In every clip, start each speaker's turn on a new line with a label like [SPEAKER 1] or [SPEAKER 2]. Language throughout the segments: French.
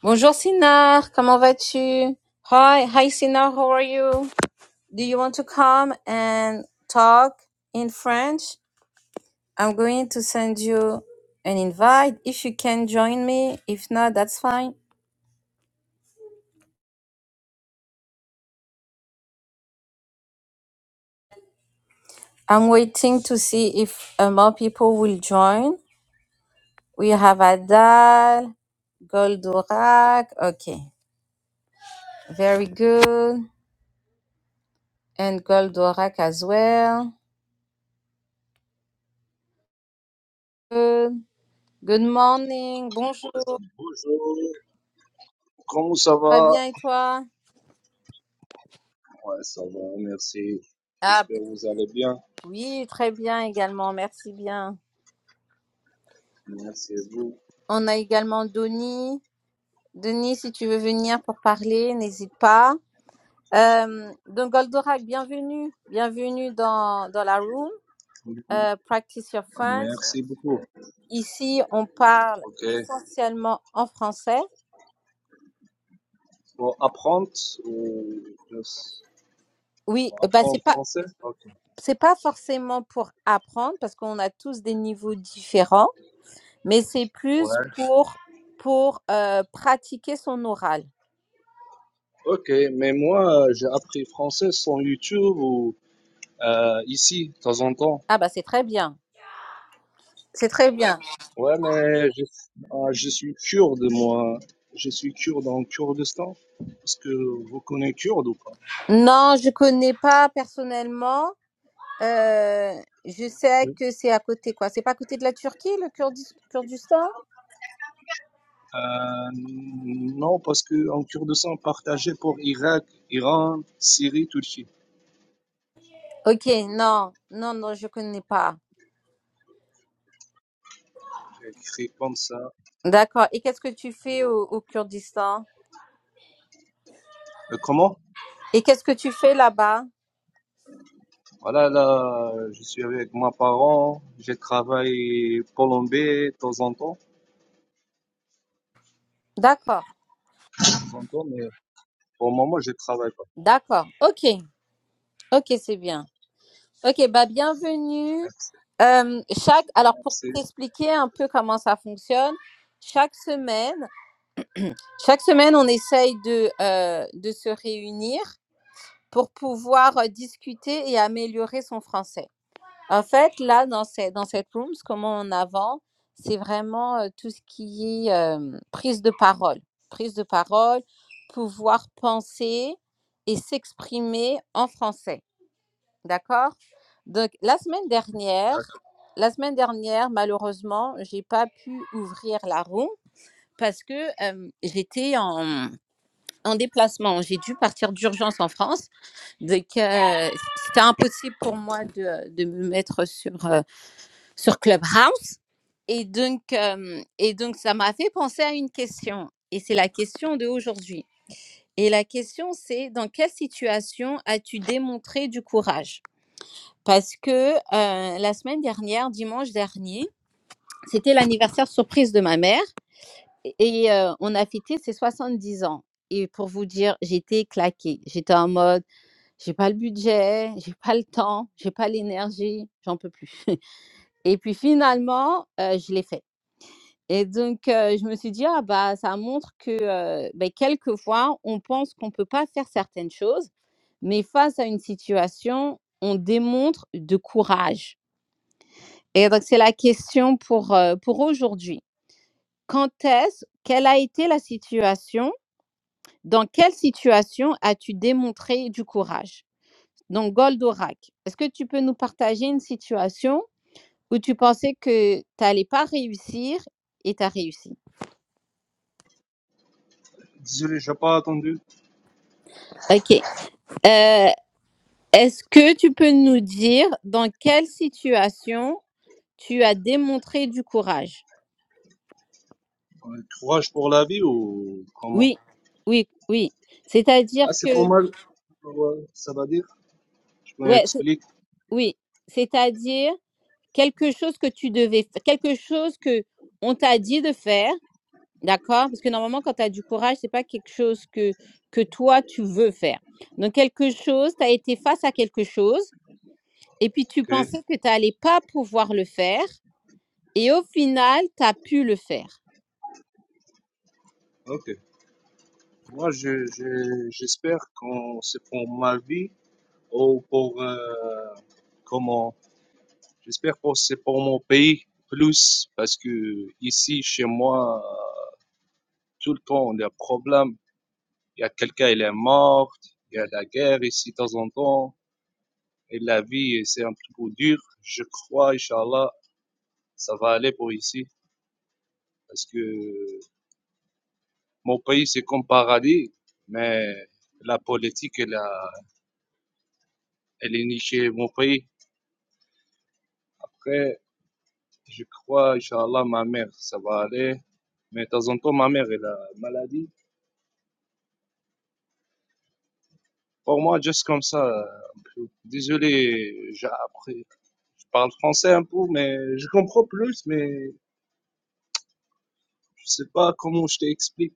[SPEAKER 1] Bonjour Sinar, comment vas-tu? Hi, hi Sinar, how are you? Do you want to come and talk in French? I'm going to send you an invite if you can join me. If not, that's fine. I'm waiting to see if uh, more people will join. We have Adal, Goldorak. Okay, very good. And Goldorak as well. Good. Good morning. Bonjour.
[SPEAKER 2] Bonjour, comment ça
[SPEAKER 1] Pas
[SPEAKER 2] va?
[SPEAKER 1] bien et toi?
[SPEAKER 2] Ouais, ça va, merci.
[SPEAKER 1] Ah,
[SPEAKER 2] J'espère que vous allez bien.
[SPEAKER 1] Oui, très bien également. Merci bien.
[SPEAKER 2] Merci à vous.
[SPEAKER 1] On a également Denis. Denis, si tu veux venir pour parler, n'hésite pas. Euh, donc, Goldorak, bienvenue. Bienvenue dans, dans la room. Euh, practice your French.
[SPEAKER 2] Merci beaucoup.
[SPEAKER 1] Ici, on parle
[SPEAKER 2] Ok.
[SPEAKER 1] essentiellement en français.
[SPEAKER 2] Pour apprendre ou juste
[SPEAKER 1] Oui,
[SPEAKER 2] pour
[SPEAKER 1] euh, bah, c'est
[SPEAKER 2] apprendre
[SPEAKER 1] pas,
[SPEAKER 2] français? Ok.
[SPEAKER 1] c'est pas forcément pour apprendre parce qu'on a tous des niveaux différents, mais c'est plus
[SPEAKER 2] Ouais.
[SPEAKER 1] pour, pour euh, pratiquer son oral.
[SPEAKER 2] Ok, mais moi, euh, j'ai appris français sur YouTube ou euh, ici, de temps en temps.
[SPEAKER 1] Ah, bah, c'est très bien. C'est très bien.
[SPEAKER 2] Ouais, mais je, ah, je suis kurde, moi. Je suis kurde en Kurdistan. Est-ce que vous connaissez kurde ou pas?
[SPEAKER 1] Non, je connais pas personnellement. Euh, je sais que c'est à côté, quoi. C'est pas à côté de la Turquie, le Kurdi- Kurdistan?
[SPEAKER 2] Euh, non, parce que en Kurdistan partagé pour Irak, Iran, Syrie, Turquie.
[SPEAKER 1] Ok, non, non, non, je connais pas.
[SPEAKER 2] J'ai écrit comme ça.
[SPEAKER 1] D'accord. Et qu'est-ce que tu fais au, au Kurdistan?
[SPEAKER 2] Euh, comment?
[SPEAKER 1] Et qu'est-ce que tu fais là-bas?
[SPEAKER 2] Voilà, là, je suis avec mes parents. Je travaille colombé de temps en temps,
[SPEAKER 1] D'accord,
[SPEAKER 2] de temps en temps, mais pour le moment, je travaille pas.
[SPEAKER 1] d'accord. Ok, ok, c'est bien. Ok, bah bienvenue.
[SPEAKER 2] Merci,
[SPEAKER 1] Euh, chaque, alors pour
[SPEAKER 2] merci.
[SPEAKER 1] t'expliquer un peu comment ça fonctionne, chaque semaine, chaque semaine on essaye de euh, de se réunir pour pouvoir euh, discuter et améliorer son français. En fait, là, dans, ce- dans cette rooms, comment on avance, c'est vraiment euh, tout ce qui est euh, prise de parole. Prise de parole, pouvoir penser et s'exprimer en français. D'accord Donc, la semaine dernière,
[SPEAKER 2] D'accord.
[SPEAKER 1] la semaine dernière, malheureusement, j'ai pas pu ouvrir la room parce que euh, j'étais en, en déplacement. J'ai dû partir d'urgence en France donc, euh, c'était impossible pour moi de, de me mettre sur, euh, sur Clubhouse. Et donc, euh, et donc, ça m'a fait penser à une question. Et c'est la question de aujourd'hui. Et la question, c'est dans quelle situation as-tu démontré du courage Parce que euh, la semaine dernière, dimanche dernier, c'était l'anniversaire surprise de ma mère. Et euh, on a fêté ses 70 ans. Et pour vous dire, j'étais claquée. J'étais en mode J'ai pas le budget, j'ai pas le temps, j'ai pas l'énergie, j'en peux plus. Et puis finalement, heu, je l'ai fait. Et donc, heu, je me suis dit: «Ah bah, ça montre que, heu, beh, quelquefois, on pense qu'on peut pas faire certaines choses, mais face à une situation, on démontre de courage». Et donc c'est la question pour, heu, pour aujourd'hui. Quand est-ce quelle a été la situation? Dans quelle situation as-tu démontré du courage? Donc, Goldorak, est-ce que tu peux nous partager une situation où tu pensais que tu n'allais pas réussir et tu as réussi?
[SPEAKER 2] Désolé, j'ai pas attendu.
[SPEAKER 1] Ok. Euh, est-ce que tu peux nous dire dans quelle situation tu as démontré du courage?
[SPEAKER 2] Euh, Courage pour la vie ou comment?
[SPEAKER 1] Oui, oui, oui. C'est-à-dire
[SPEAKER 2] Ah, c'est
[SPEAKER 1] que,
[SPEAKER 2] pas mal. Ouais, Ça va dire. Je
[SPEAKER 1] ouais, c'est-
[SPEAKER 2] m'explique.
[SPEAKER 1] oui. C'est-à-dire quelque chose que tu devais, f- quelque chose que on t'a dit de faire D'accord? Parce que normalement, quand tu as du courage, c'est pas quelque chose que, que toi, tu veux faire. Donc, quelque chose, tu as été face à quelque chose et puis tu
[SPEAKER 2] Ok,
[SPEAKER 1] pensais que tu n'allais pas pouvoir le faire et au final, tu as pu le faire.
[SPEAKER 2] ok. Moi, je, je- j'espère qu'on c'est pour ma vie ou pour euh, comment. J'espère que c'est pour mon pays plus parce que ici chez moi tout le temps on a problème. Il y a quelqu'un il est mort, il y a la guerre ici de temps en temps et la vie c'est un petit peu dur. Je crois, Inch'Allah, ça va aller pour ici parce que mon pays c'est comme paradis, mais la politique elle, a- elle est nichée mon pays. après. Je crois, Inch'Allah, ma mère, ça va aller. Mais de temps en temps, ma mère, elle a maladie. Pour moi, juste comme ça, un peu. Désolé, j'ai appris. Je parle français un peu, mais je comprends plus, mais je sais pas comment je t'explique.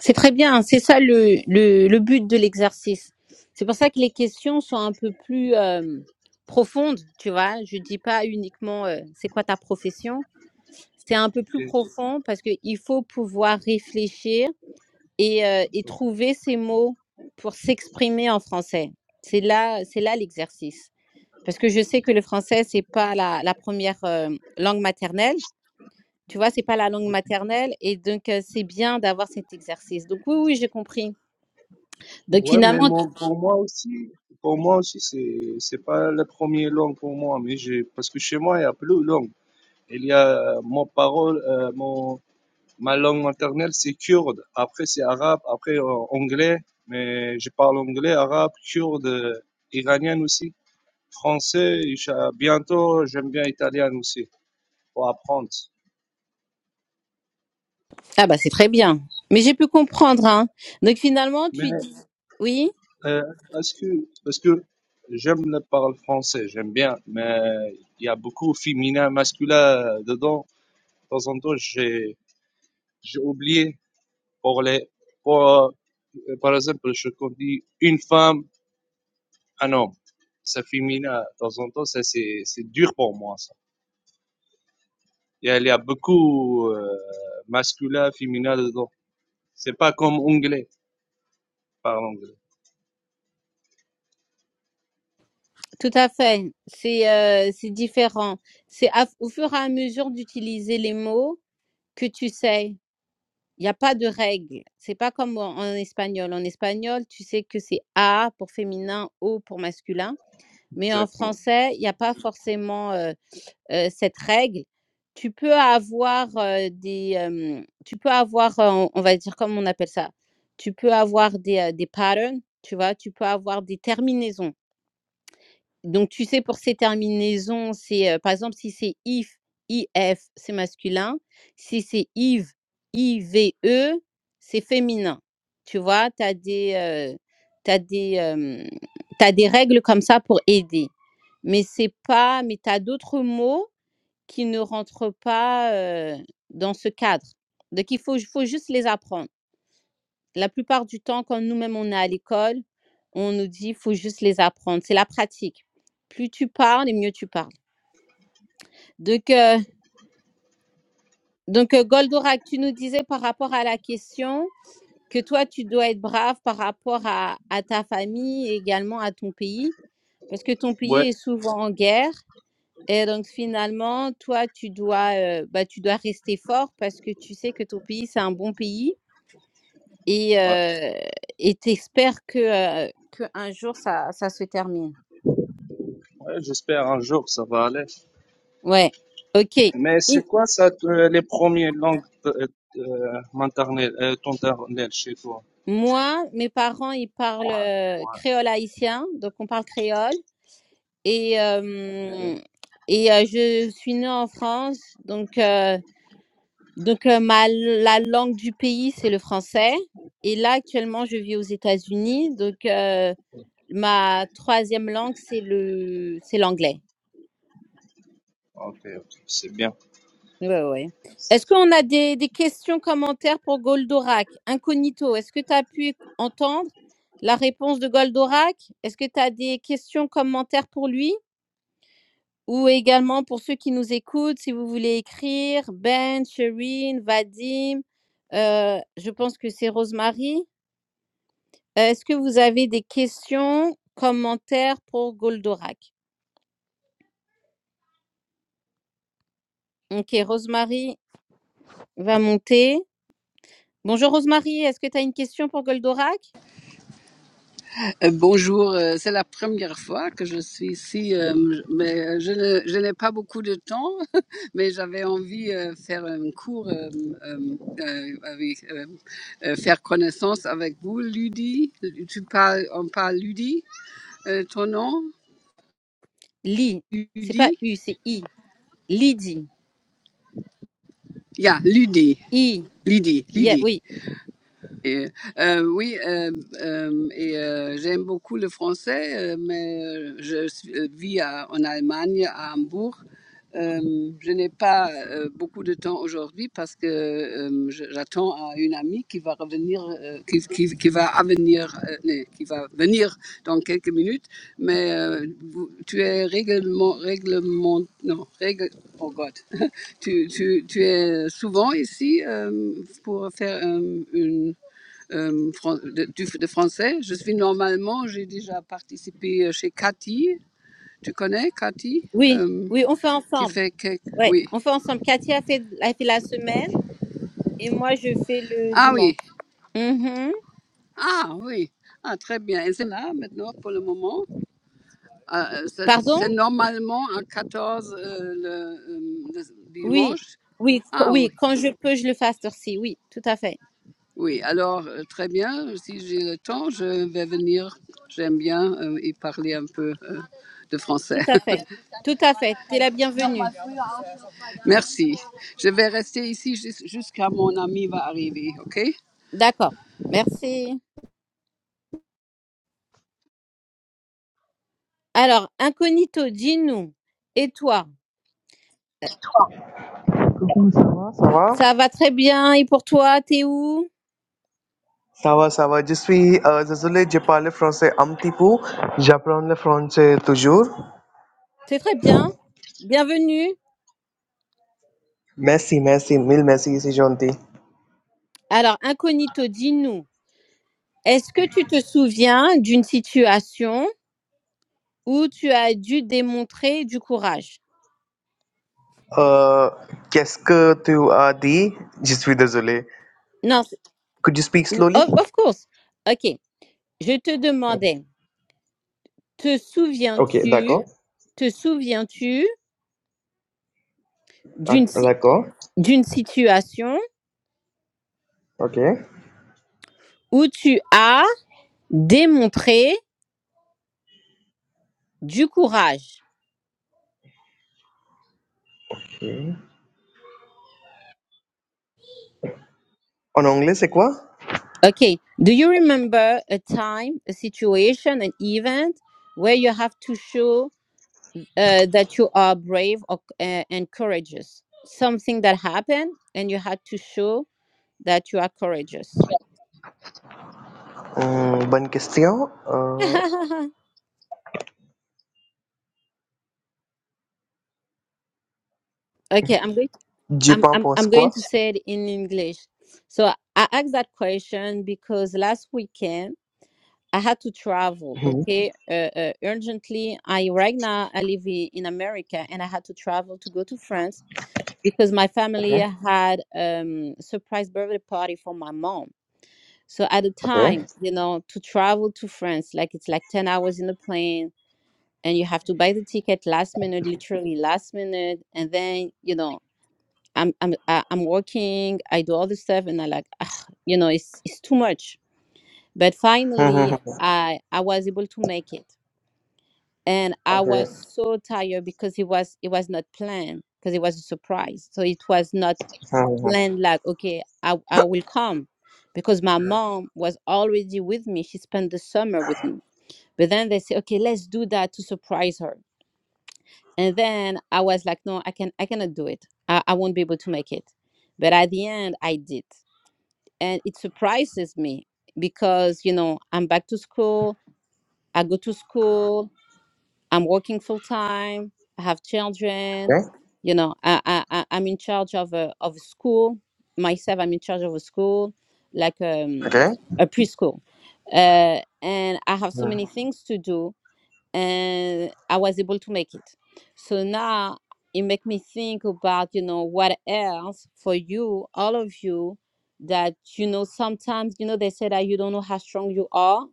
[SPEAKER 1] C'est très bien, hein, c'est ça le, le, le but de l'exercice. C'est pour ça que les questions sont un peu plus euh, profondes, tu vois. Je dis pas uniquement euh, c'est quoi ta profession, c'est un peu
[SPEAKER 2] ok.
[SPEAKER 1] plus profond parce qu'il faut pouvoir réfléchir et, heu et trouver ces mots pour s'exprimer en français. C'est là c'est là l'exercice. Parce que je sais que le français, c'est pas la la 1re, langue maternelle, tu vois? C'est pas la langue maternelle et donc heu, c'est bien d'avoir cet exercice. Donc oui, oui, j'ai compris. Donc
[SPEAKER 2] Ouais, mais
[SPEAKER 1] finalement tu-
[SPEAKER 2] mon- pour moi aussi, pour moi aussi, c'est, c'est pas la première langue pour moi, mais j'ai, parce que chez moi, il y a plus de langue. Il y a mon parole, euh, mon, Ma langue maternelle, c'est kurde. Après, c'est arabe. Après, euh, anglais. Mais je parle anglais, arabe, kurde, euh, iranien aussi. Français. Et j'a- bientôt, j'aime bien italien aussi pour apprendre.
[SPEAKER 1] ah bah, c'est très bien. Mais j'ai pu comprendre, hein. Donc finalement,
[SPEAKER 2] Mais
[SPEAKER 1] tu dis oui,
[SPEAKER 2] euh, est-ce que, parce que j'aime le parler français, j'aime bien, mais il y a beaucoup féminin, masculin dedans. De temps en temps, j'ai j'ai oublié pour les, pour, euh, par exemple, je conduis une femme Ah non, ça féminin, de temps en temps, ça c'est c'est dur pour moi, ça. Et elle, Il y a beaucoup euh, masculin, féminin dedans. C'est pas comme anglais, par anglais.
[SPEAKER 1] tout à fait. C'est, heu, c'est différent. C'est à au fur et à mesure d'utiliser les mots que tu sais. Il n'y a pas de règle. C'est pas comme en, en espagnol. En espagnol, tu sais que c'est A pour féminin, O pour masculin. Mais en
[SPEAKER 2] Exactement.
[SPEAKER 1] français, il n'y a pas forcément euh, euh, cette règle. Tu peux avoir euh, des, euh, tu peux avoir, euh, on on va dire comme on appelle ça, tu peux avoir des, euh, des patterns, tu vois, tu peux avoir des terminaisons. Donc, tu sais, pour ces terminaisons, c'est, heu, par exemple, si c'est if, if, c'est masculin. Si c'est ive, ive, c'est féminin. Tu vois? Tu as des, heu, tu des, hem, tu des règles comme ça pour aider. Mais c'est pas mais tu as d'autres mots qui ne rentrent pas, heu, dans ce cadre. Donc il faut il faut juste les apprendre. La plupart du temps, quand nous-mêmes on est à l'école, on nous dit faut juste les apprendre. C'est la pratique. Plus tu parles et mieux tu parles. Donc, euh, donc euh, Goldorak, tu nous disais par rapport à la question que toi, tu dois être brave par rapport à, à ta famille et également à ton pays, parce que ton pays
[SPEAKER 2] Ouais,
[SPEAKER 1] est souvent en guerre. Et donc finalement, toi, tu dois, euh, bah, tu dois rester fort parce que tu sais que ton pays, c'est un bon pays et
[SPEAKER 2] ouais.
[SPEAKER 1] euh, et t'espères que euh, que un jour ça ça se termine.
[SPEAKER 2] Ouais, j'espère un jour ça va aller.
[SPEAKER 1] Ouais. OK. Et
[SPEAKER 2] Mais c'est quoi ça, te- les premières langues euh, euh, maternelles, euh, ton maternelle chez toi?
[SPEAKER 1] moi, mes parents, ils parlent euh,
[SPEAKER 2] Ouais,
[SPEAKER 1] créole haïtien, donc on parle créole et
[SPEAKER 2] ok,
[SPEAKER 1] euh, et euh, je suis née en France, donc euh, donc euh, ma la langue du pays, c'est le français et là actuellement, je vis aux États-Unis, donc euh, ma troisième langue, c'est le c'est l'anglais.
[SPEAKER 2] ok, ok, c'est bien.
[SPEAKER 1] Ouais, ouais.
[SPEAKER 2] Merci.
[SPEAKER 1] Est-ce qu'on a des, des questions, commentaires pour Goldorak Incognito, est-ce que tu as pu entendre la réponse de Goldorak Est-ce que tu as des questions, commentaires pour lui Ou également pour ceux qui nous écoutent, si vous voulez écrire, Ben, Sherine, Vadim, euh, je pense que c'est Rosemary. Euh, Est-ce que vous avez des questions, commentaires pour Goldorak Ok, Rosemary va monter. Bonjour Rosemary, est-ce que tu as une question pour Goldorak?
[SPEAKER 3] Euh, Bonjour, euh, c'est la première fois que je suis ici, euh, mais euh, je ne- je n'ai pas beaucoup de temps, mais j'avais envie de faire un cours, euh, euh, euh, avec, euh, euh, faire connaissance avec vous, Ludie. Tu parles, on parle Ludie, euh, ton nom,
[SPEAKER 1] Li, c'est pas
[SPEAKER 3] Ludie?
[SPEAKER 1] U, c'est I. Lydie,
[SPEAKER 3] Yeah, Ludie,
[SPEAKER 1] I,
[SPEAKER 3] Ludie,
[SPEAKER 1] yeah,
[SPEAKER 3] Ludie.
[SPEAKER 1] oui,
[SPEAKER 3] Et, euh, oui, euh, euh, et euh, j'aime beaucoup le français, euh, mais euh, je suis- euh, vis à- en Allemagne, à Hambourg. Euh, je n'ai pas euh, beaucoup de temps aujourd'hui parce que euh, je- j'attends à une amie qui va revenir, euh, qui, qui, qui va venir, qui va venir dans quelques minutes. Mais euh, vous- tu es règlement, règlement, non, règle, oh God, tu, tu, tu es souvent ici euh, pour faire euh, une euh, fran- de, du- de français. Je suis normalement, j'ai déjà participé euh, chez Cathy. Tu connais Cathy
[SPEAKER 1] oui,
[SPEAKER 3] Euh,
[SPEAKER 1] oui, on fait
[SPEAKER 3] Qui
[SPEAKER 1] ensemble.
[SPEAKER 3] fait que...
[SPEAKER 1] Ouais,
[SPEAKER 3] Oui.
[SPEAKER 1] on fait ensemble. Cathy a fait, a fait la semaine et moi je fais le
[SPEAKER 3] Ah
[SPEAKER 1] dimanche.
[SPEAKER 3] oui.
[SPEAKER 1] Mhm.
[SPEAKER 3] Ah oui. Ah, très bien. Et c'est là maintenant pour le moment. Ah, euh, c'est
[SPEAKER 1] Pardon?
[SPEAKER 3] c'est normalement à 14 euh, le, euh, le
[SPEAKER 1] Oui,
[SPEAKER 3] dimanche.
[SPEAKER 1] oui, co-
[SPEAKER 3] Ah oui.
[SPEAKER 1] oui, quand je peux, je le fais à cette heure-ci. Oui, tout à fait,
[SPEAKER 3] Oui, alors euh, très bien. Si j'ai le temps, je vais venir. J'aime bien euh, y parler un peu euh, de
[SPEAKER 1] tout
[SPEAKER 3] français.
[SPEAKER 1] à fait, tout à fait. T'es la bienvenue.
[SPEAKER 3] Merci. Je vais rester ici jusqu'à mon ami va arriver, OK?
[SPEAKER 1] D'accord, merci. Alors, incognito, dis-nous, et toi,
[SPEAKER 4] Ça va?
[SPEAKER 1] ça va très bien, et pour toi, t'es où?
[SPEAKER 4] Ça va, ça va. Je suis euh, désolé, je parle français un petit peu. J'apprends le français toujours.
[SPEAKER 1] C'est très bien, bienvenue.
[SPEAKER 4] Merci, merci, mille merci, c'est gentil.
[SPEAKER 1] Alors, incognito, dis-nous, est-ce que tu te souviens d'une situation où tu as dû démontrer du courage?
[SPEAKER 4] Euh, Qu'est-ce que tu as dit? Je suis désolé.
[SPEAKER 1] Non, c'est-
[SPEAKER 4] Could you speak
[SPEAKER 1] ou-
[SPEAKER 4] slowly?
[SPEAKER 1] of of course. Ok, je te demandais. Te
[SPEAKER 4] Ok,
[SPEAKER 1] souviens-tu,
[SPEAKER 4] d'accord.
[SPEAKER 1] te souviens-tu d'une
[SPEAKER 4] Ac-
[SPEAKER 1] si-
[SPEAKER 4] D'accord.
[SPEAKER 1] d'une situation
[SPEAKER 4] Ok.
[SPEAKER 1] où tu as démontré du courage?
[SPEAKER 4] Ok. En anglais, c'est quoi?
[SPEAKER 1] Okay. Do you remember a time, a situation, an event where you have to show uh, that you are brave or, uh, and courageous? Something that happened and you had to show that you are courageous.
[SPEAKER 4] Hum, bonne question. Euh,
[SPEAKER 1] okay, I'm going
[SPEAKER 4] je
[SPEAKER 1] I'm I'm
[SPEAKER 4] pense
[SPEAKER 1] I'm going
[SPEAKER 4] quoi?
[SPEAKER 1] to say it in English. So I asked that question because last weekend I had to travel.
[SPEAKER 4] Mhm.
[SPEAKER 1] Okay, uh, uh, urgently. I right now I live i- in America and I had to travel to go to France because my family
[SPEAKER 4] Ok.
[SPEAKER 1] had um surprise birthday party for my mom. So at the
[SPEAKER 4] Ok.
[SPEAKER 1] time, you know, to travel to France, like it's like ten hours in the plane. And you have to buy the ticket last minute, literally last minute, and then you know I'm I'm I- I'm working. I do all this stuff, and I like, ah, you know, it's it's too much. But finally,
[SPEAKER 4] Mhm, mhm, mhm.
[SPEAKER 1] I I was able to make it, and I
[SPEAKER 4] Ok.
[SPEAKER 1] was so tired because it was it was not planned because it was a surprise. So it was not
[SPEAKER 4] Mhm, mhm.
[SPEAKER 1] planned. Like, okay, I I will come, because my mom was already with me. She spent the summer with me. But then they say, okay, let's do that to surprise her. And then I was like, no, I can I cannot do it. I, I won't be able to make it. But at the end, I did and it surprises me because you know i'm back to school i go to school i'm working full time i have children you know i i I- i'm in charge of a of a school myself i'm in charge of a school like
[SPEAKER 4] Ok.
[SPEAKER 1] um a preschool uh and i have so
[SPEAKER 4] Ok.
[SPEAKER 1] many things to do and I was able to make it. So now it make me think about, you know, what else for you, all of you, that you know sometimes, you know, they say that you don't know how strong you are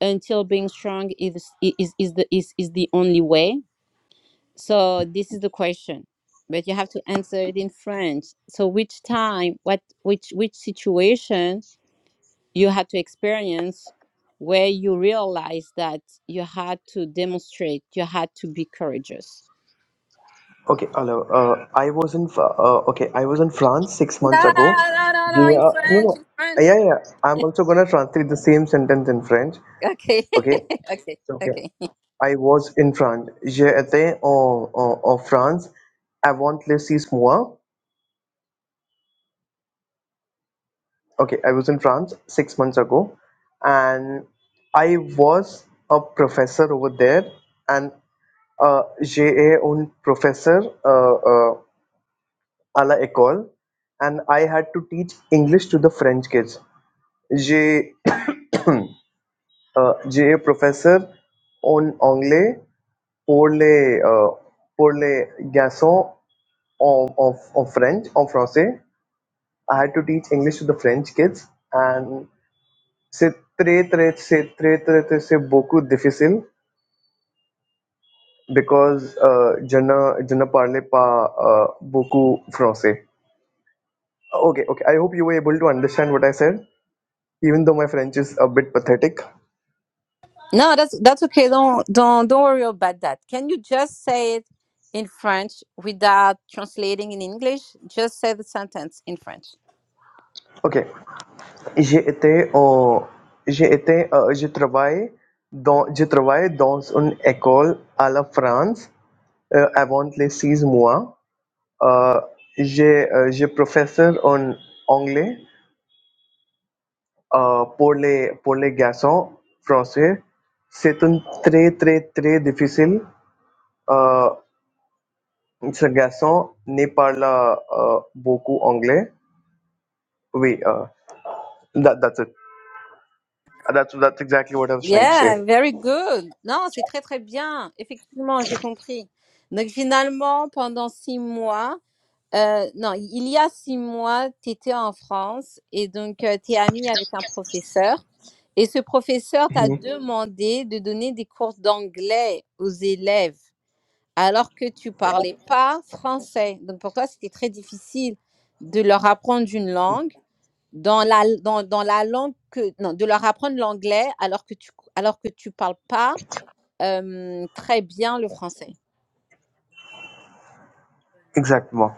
[SPEAKER 1] until being strong is is is the is, is the only way. So this is the question. But you have to answer it in French. So which time, what which which situation you had to experience where you realized that you had to demonstrate, you had to be courageous.
[SPEAKER 4] Okay, hello. Uh, I was in Fr- uh, okay, I was in France six
[SPEAKER 1] No,
[SPEAKER 4] months ago.
[SPEAKER 1] no, no, no, in
[SPEAKER 4] Yeah, no,
[SPEAKER 1] French,
[SPEAKER 4] no.
[SPEAKER 1] in French.
[SPEAKER 4] Yeah, yeah. yeah. I'm also gonna translate the same sentence in French.
[SPEAKER 1] Okay,
[SPEAKER 4] Okay,
[SPEAKER 1] okay,
[SPEAKER 4] okay.
[SPEAKER 1] okay.
[SPEAKER 4] I was in France. J'ai été en, en, en France avant le six mois. Okay, I was in France six months ago, and I was a professor over there, and uh, j'ai un professeur. Uh, uh, à la école, and I had to teach English to the French kids. J'ai euh, j'ai professeur en anglais pour les euh, pour les garçons en, en, en French en français. I had to teach English to the French kids, and c'est très très c'est très très très c'est beaucoup difficile because euh, je ne je ne parlais pas euh, beaucoup français. Okay, okay. I hope you were able to understand what I said, even though my French is a bit pathetic.
[SPEAKER 1] No, that's that's okay. Don't don't don't worry about that. Can you just say it in French without translating in English? Just say the sentence in French.
[SPEAKER 4] OK. J'ai été en, j'ai été, euh, je travaille dans, je travaille dans une école à la France euh, avant les six mois. Euh, j'ai, euh, j'ai professeur en anglais euh, pour les, pour les garçons français. C'est un très, très, très difficile. Euh, ce garçon ne parle euh, beaucoup anglais. Oui, uh, that, that's it. That's, that's exactly what I was trying to
[SPEAKER 1] Yeah,
[SPEAKER 4] say.
[SPEAKER 1] very good. Non, c'est très très bien. Effectivement, j'ai compris. Donc finalement, pendant six mois, euh, non, il y a six mois, tu étais en France et donc euh, tu es amie avec un professeur. Et ce professeur t'a demandé de donner des cours d'anglais aux élèves alors que tu parlais pas français. Donc pour toi, c'était très difficile de leur apprendre une langue dans la, dans, dans la langue que, non, de leur apprendre l'anglais alors que tu, alors que tu parles pas euh, très bien le français.
[SPEAKER 4] Exactement.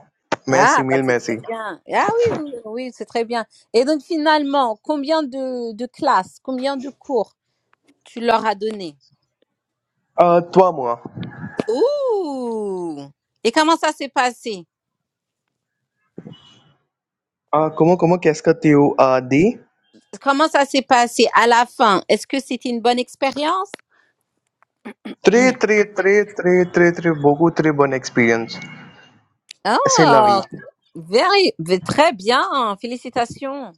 [SPEAKER 4] Merci,
[SPEAKER 1] Ah, bah
[SPEAKER 4] mille
[SPEAKER 1] c'est très
[SPEAKER 4] merci.
[SPEAKER 1] bien. Ah oui, oui, oui, oui, c'est très bien. Et donc finalement, combien de, de classes, combien de cours tu leur as donné?
[SPEAKER 4] Euh, toi, moi,
[SPEAKER 1] Ouh! Et comment ça s'est passé?
[SPEAKER 4] euh, comment, comment, qu'est-ce que tu as dit?
[SPEAKER 1] Comment ça s'est passé à la fin? Est-ce que c'était une bonne expérience?
[SPEAKER 4] Très, très, très, très, très, très, beaucoup, très bonne expérience. C'est la vie.
[SPEAKER 1] Oh, very, très bien. Félicitations.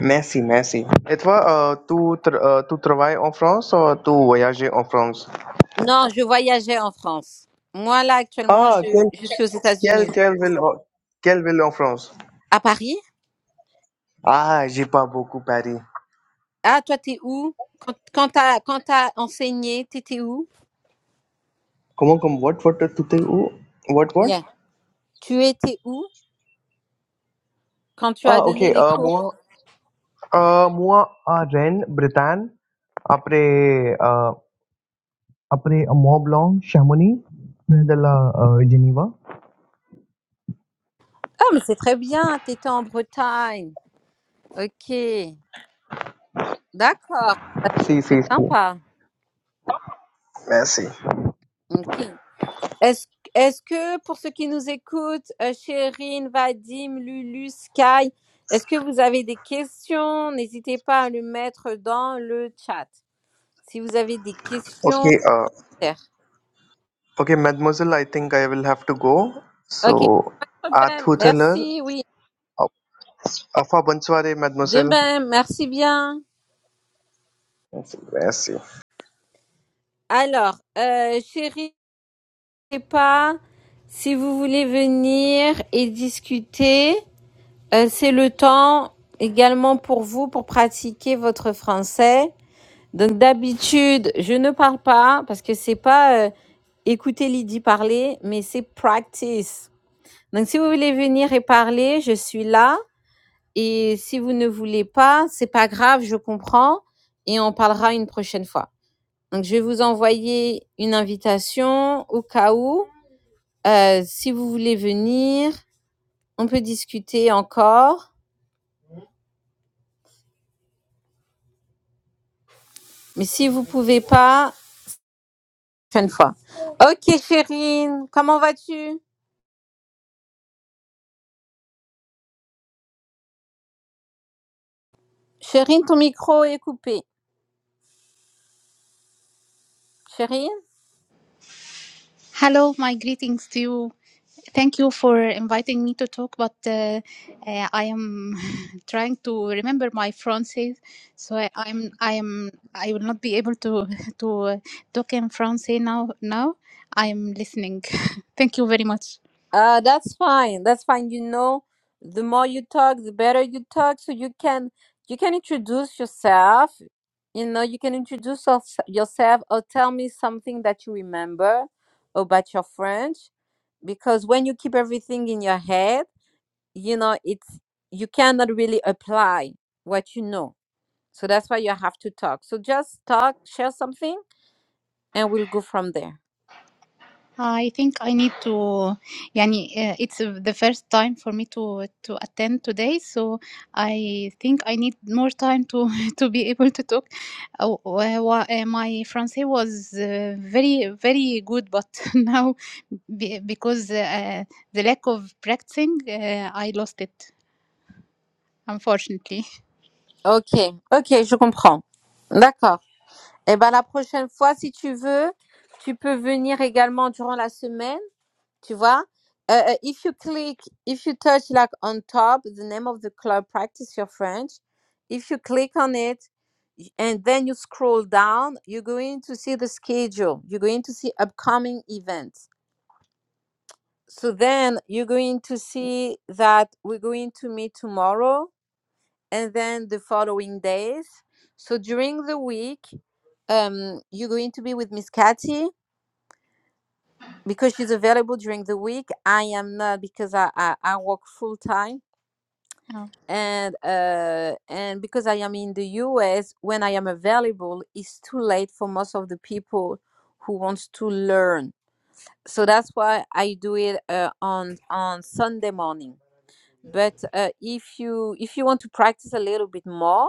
[SPEAKER 4] Merci, merci. Et toi, euh, tu, tra- euh, tu travailles en France ou tu voyages en France?
[SPEAKER 1] Non, je voyageais en France. Moi, là, actuellement,
[SPEAKER 4] Ah,
[SPEAKER 1] je,
[SPEAKER 4] quelle,
[SPEAKER 1] je suis aux
[SPEAKER 4] quelle,
[SPEAKER 1] États-Unis.
[SPEAKER 4] quelle ville, en- quelle ville en France?
[SPEAKER 1] À Paris?
[SPEAKER 4] Ah, j'ai pas beaucoup Paris.
[SPEAKER 1] Ah, toi, t'es où? Quand, quand t'as, quand t'as enseigné, t'étais où?
[SPEAKER 4] Comment, comment, what, what, tu t'es où? What, what?
[SPEAKER 1] Yeah. Tu étais où quand tu as
[SPEAKER 4] Ah, ok,
[SPEAKER 1] donné les
[SPEAKER 4] euh,
[SPEAKER 1] cours?
[SPEAKER 4] moi, Ah, moi, à Rennes, Bretagne. Après, ah, après à Mont Blanc, Chamonix, de la ah, Geneva.
[SPEAKER 1] Ah, mais c'est très bien, t'étais en Bretagne. Ok, d'accord. Bah,
[SPEAKER 4] Si,
[SPEAKER 1] C'est
[SPEAKER 4] si, si.
[SPEAKER 1] sympa.
[SPEAKER 4] I see.
[SPEAKER 1] Ok. Est-ce, est-ce que pour ceux qui nous écoutent, euh, Chérine, Vadim, Lulu, Sky, est-ce que vous avez des questions? N'hésitez pas à le mettre dans le chat. Si vous avez des questions,
[SPEAKER 4] Okay, uh,
[SPEAKER 1] faire.
[SPEAKER 4] okay, Mademoiselle, I think I will have to go.
[SPEAKER 1] ok.
[SPEAKER 4] So,
[SPEAKER 1] ben,
[SPEAKER 4] Athuthaler,
[SPEAKER 1] Merci, oui.
[SPEAKER 4] Afa Bansware, Mademoiselle.
[SPEAKER 1] Demain, merci bien.
[SPEAKER 4] I see. I see.
[SPEAKER 1] Alors, euh, chérie, je sais pas si vous voulez venir et discuter. euh, c'est le temps également pour vous pour pratiquer votre français. Donc d'habitude, je ne parle pas parce que c'est pas euh, écouter Lydie parler, mais c'est practice. Donc si vous voulez venir et parler, je suis là. Et si vous ne voulez pas, c'est pas grave, je comprends et on parlera une prochaine fois. Donc, je vais vous envoyer une invitation au cas où, euh, si vous voulez venir, on peut discuter encore. Mais si vous pouvez pas, prochaine fois. Ok, Chérine, comment vas-tu? Chérine, ton micro est coupé. Chérine?
[SPEAKER 5] Hello, my greetings to you. Thank you for inviting me to talk, but uh, uh, I am trying to remember my Francis, so I, I'm I am I will not be able to to uh, talk in Francais now. Now I am listening. Thank you very much.
[SPEAKER 1] Uh, that's fine. That's fine. You know, the more you talk, the better you talk. So you can you can introduce yourself. You know, you can introduce us- yourself or tell me something that you remember about your French. Because when you keep everything in your head, you know, it's you cannot really apply what you know. So that's why you have to talk. So just talk, share something, and we'll go from there.
[SPEAKER 5] I think I need to يعني uh, it's uh, the first time for me to to attend today so I think I need more time to to be able to talk uh, wa- uh, my Francais was uh, very very good but now be- because uh, the lack of practicing uh, I lost it unfortunately
[SPEAKER 1] Okay. Okay, je comprends. D'accord. Eh ben, la prochaine fois, si tu veux, tu peux venir également durant la semaine, tu vois. Euh, euh, if you click, if you touch like on top, the name of the club, practice your French. If you click on it y- and then you scroll down, you're going to see the schedule. You're going to see upcoming events. So then you're going to see that we're going to meet tomorrow and then the following days. So during the week, um, you're going to be with Miss Cathy because she's available during the week. I am not because I I, I work full time
[SPEAKER 5] Uh,
[SPEAKER 1] and uh and because I am in the US when I am available it's too late for most of the people who wants to learn. So that's why I do it uh, on on Sunday morning. But uh, if you if you want to practice a little bit more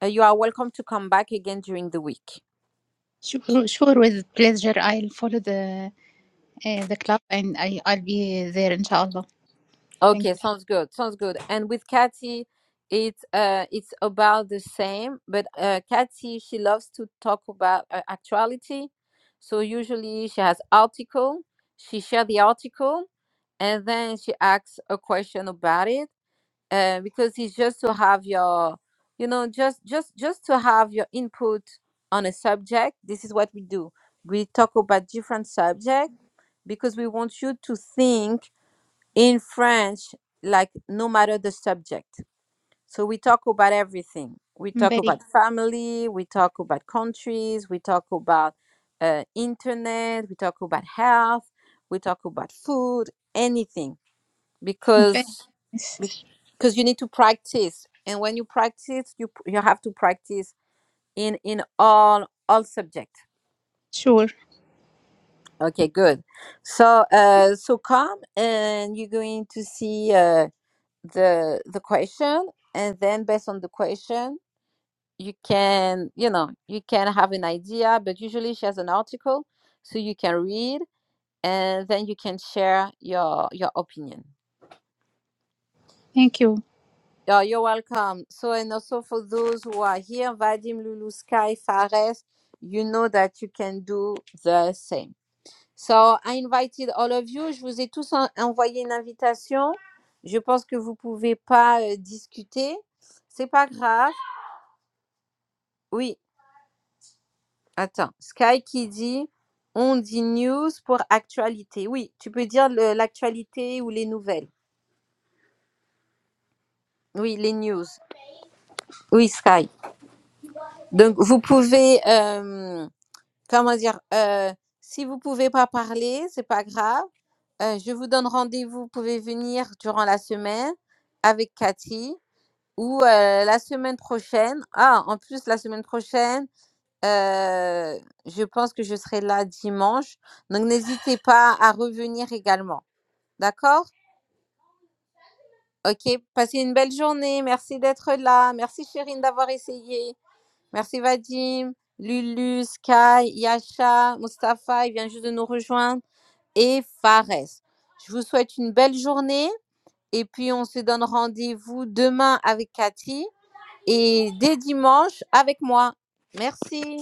[SPEAKER 1] Uh, you are welcome to come back again during the week.
[SPEAKER 5] sure sure with pleasure I'll follow the uh, the club and I I'll be there inshallah thank
[SPEAKER 1] Okay,
[SPEAKER 5] you
[SPEAKER 1] sounds good. Sounds good. And with Cathy, it's uh, it's about the same, but uh, Kathy she loves to talk about uh, actuality. So usually she has article, she share the article, and then she asks a question about it. Uh, because it's just to have your, you know, just just just to have your input on a subject. This is what we do. We talk about different subjects because we want you to think in French, like no matter the subject. So we talk about everything. We talk
[SPEAKER 5] very
[SPEAKER 1] about family, we talk about countries, we talk about uh, internet, we talk about health, we talk about food, anything,
[SPEAKER 5] very
[SPEAKER 1] because
[SPEAKER 5] nice.
[SPEAKER 1] because you need to practice. And when you practice, you you have to practice in in all all subject.
[SPEAKER 5] Sure.
[SPEAKER 1] Okay, good. So uh, so come and you're going to see. Uh, the the question and then based on the question you can you know you can have an idea but usually she has an article so you can read and then you can share your your opinion
[SPEAKER 5] Thank you.
[SPEAKER 1] yeah you're welcome so and also for those who are here vadim lulu sky fares you know that you can do the same so i invited all of you je vous ai tous en- envoyé une invitation je pense que vous pouvez pas euh, discuter c'est pas grave oui Attends, Sky qui dit on dit news pour actualité. Oui, tu peux dire le- l'actualité ou les nouvelles. Oui, les news. Oui, Sky. Donc vous pouvez euh, comment dire euh, si vous pouvez pas parler, c'est pas grave. Euh, je vous donne rendez-vous. Vous pouvez venir durant la semaine avec Cathy ou euh, la semaine prochaine. Ah, en plus la semaine prochaine. Euh, je pense que je serai là dimanche. Donc, n'hésitez pas à revenir également. D'accord? Ok, passez une belle journée. Merci d'être là. Merci Chérine d'avoir essayé. Merci Vadim, Lulu, Sky, Yasha, Mustapha, il vient juste de nous rejoindre. Et Fares. Je vous souhaite une belle journée. Et puis, on se donne rendez-vous demain avec Cathy et dès dimanche avec moi. Merci.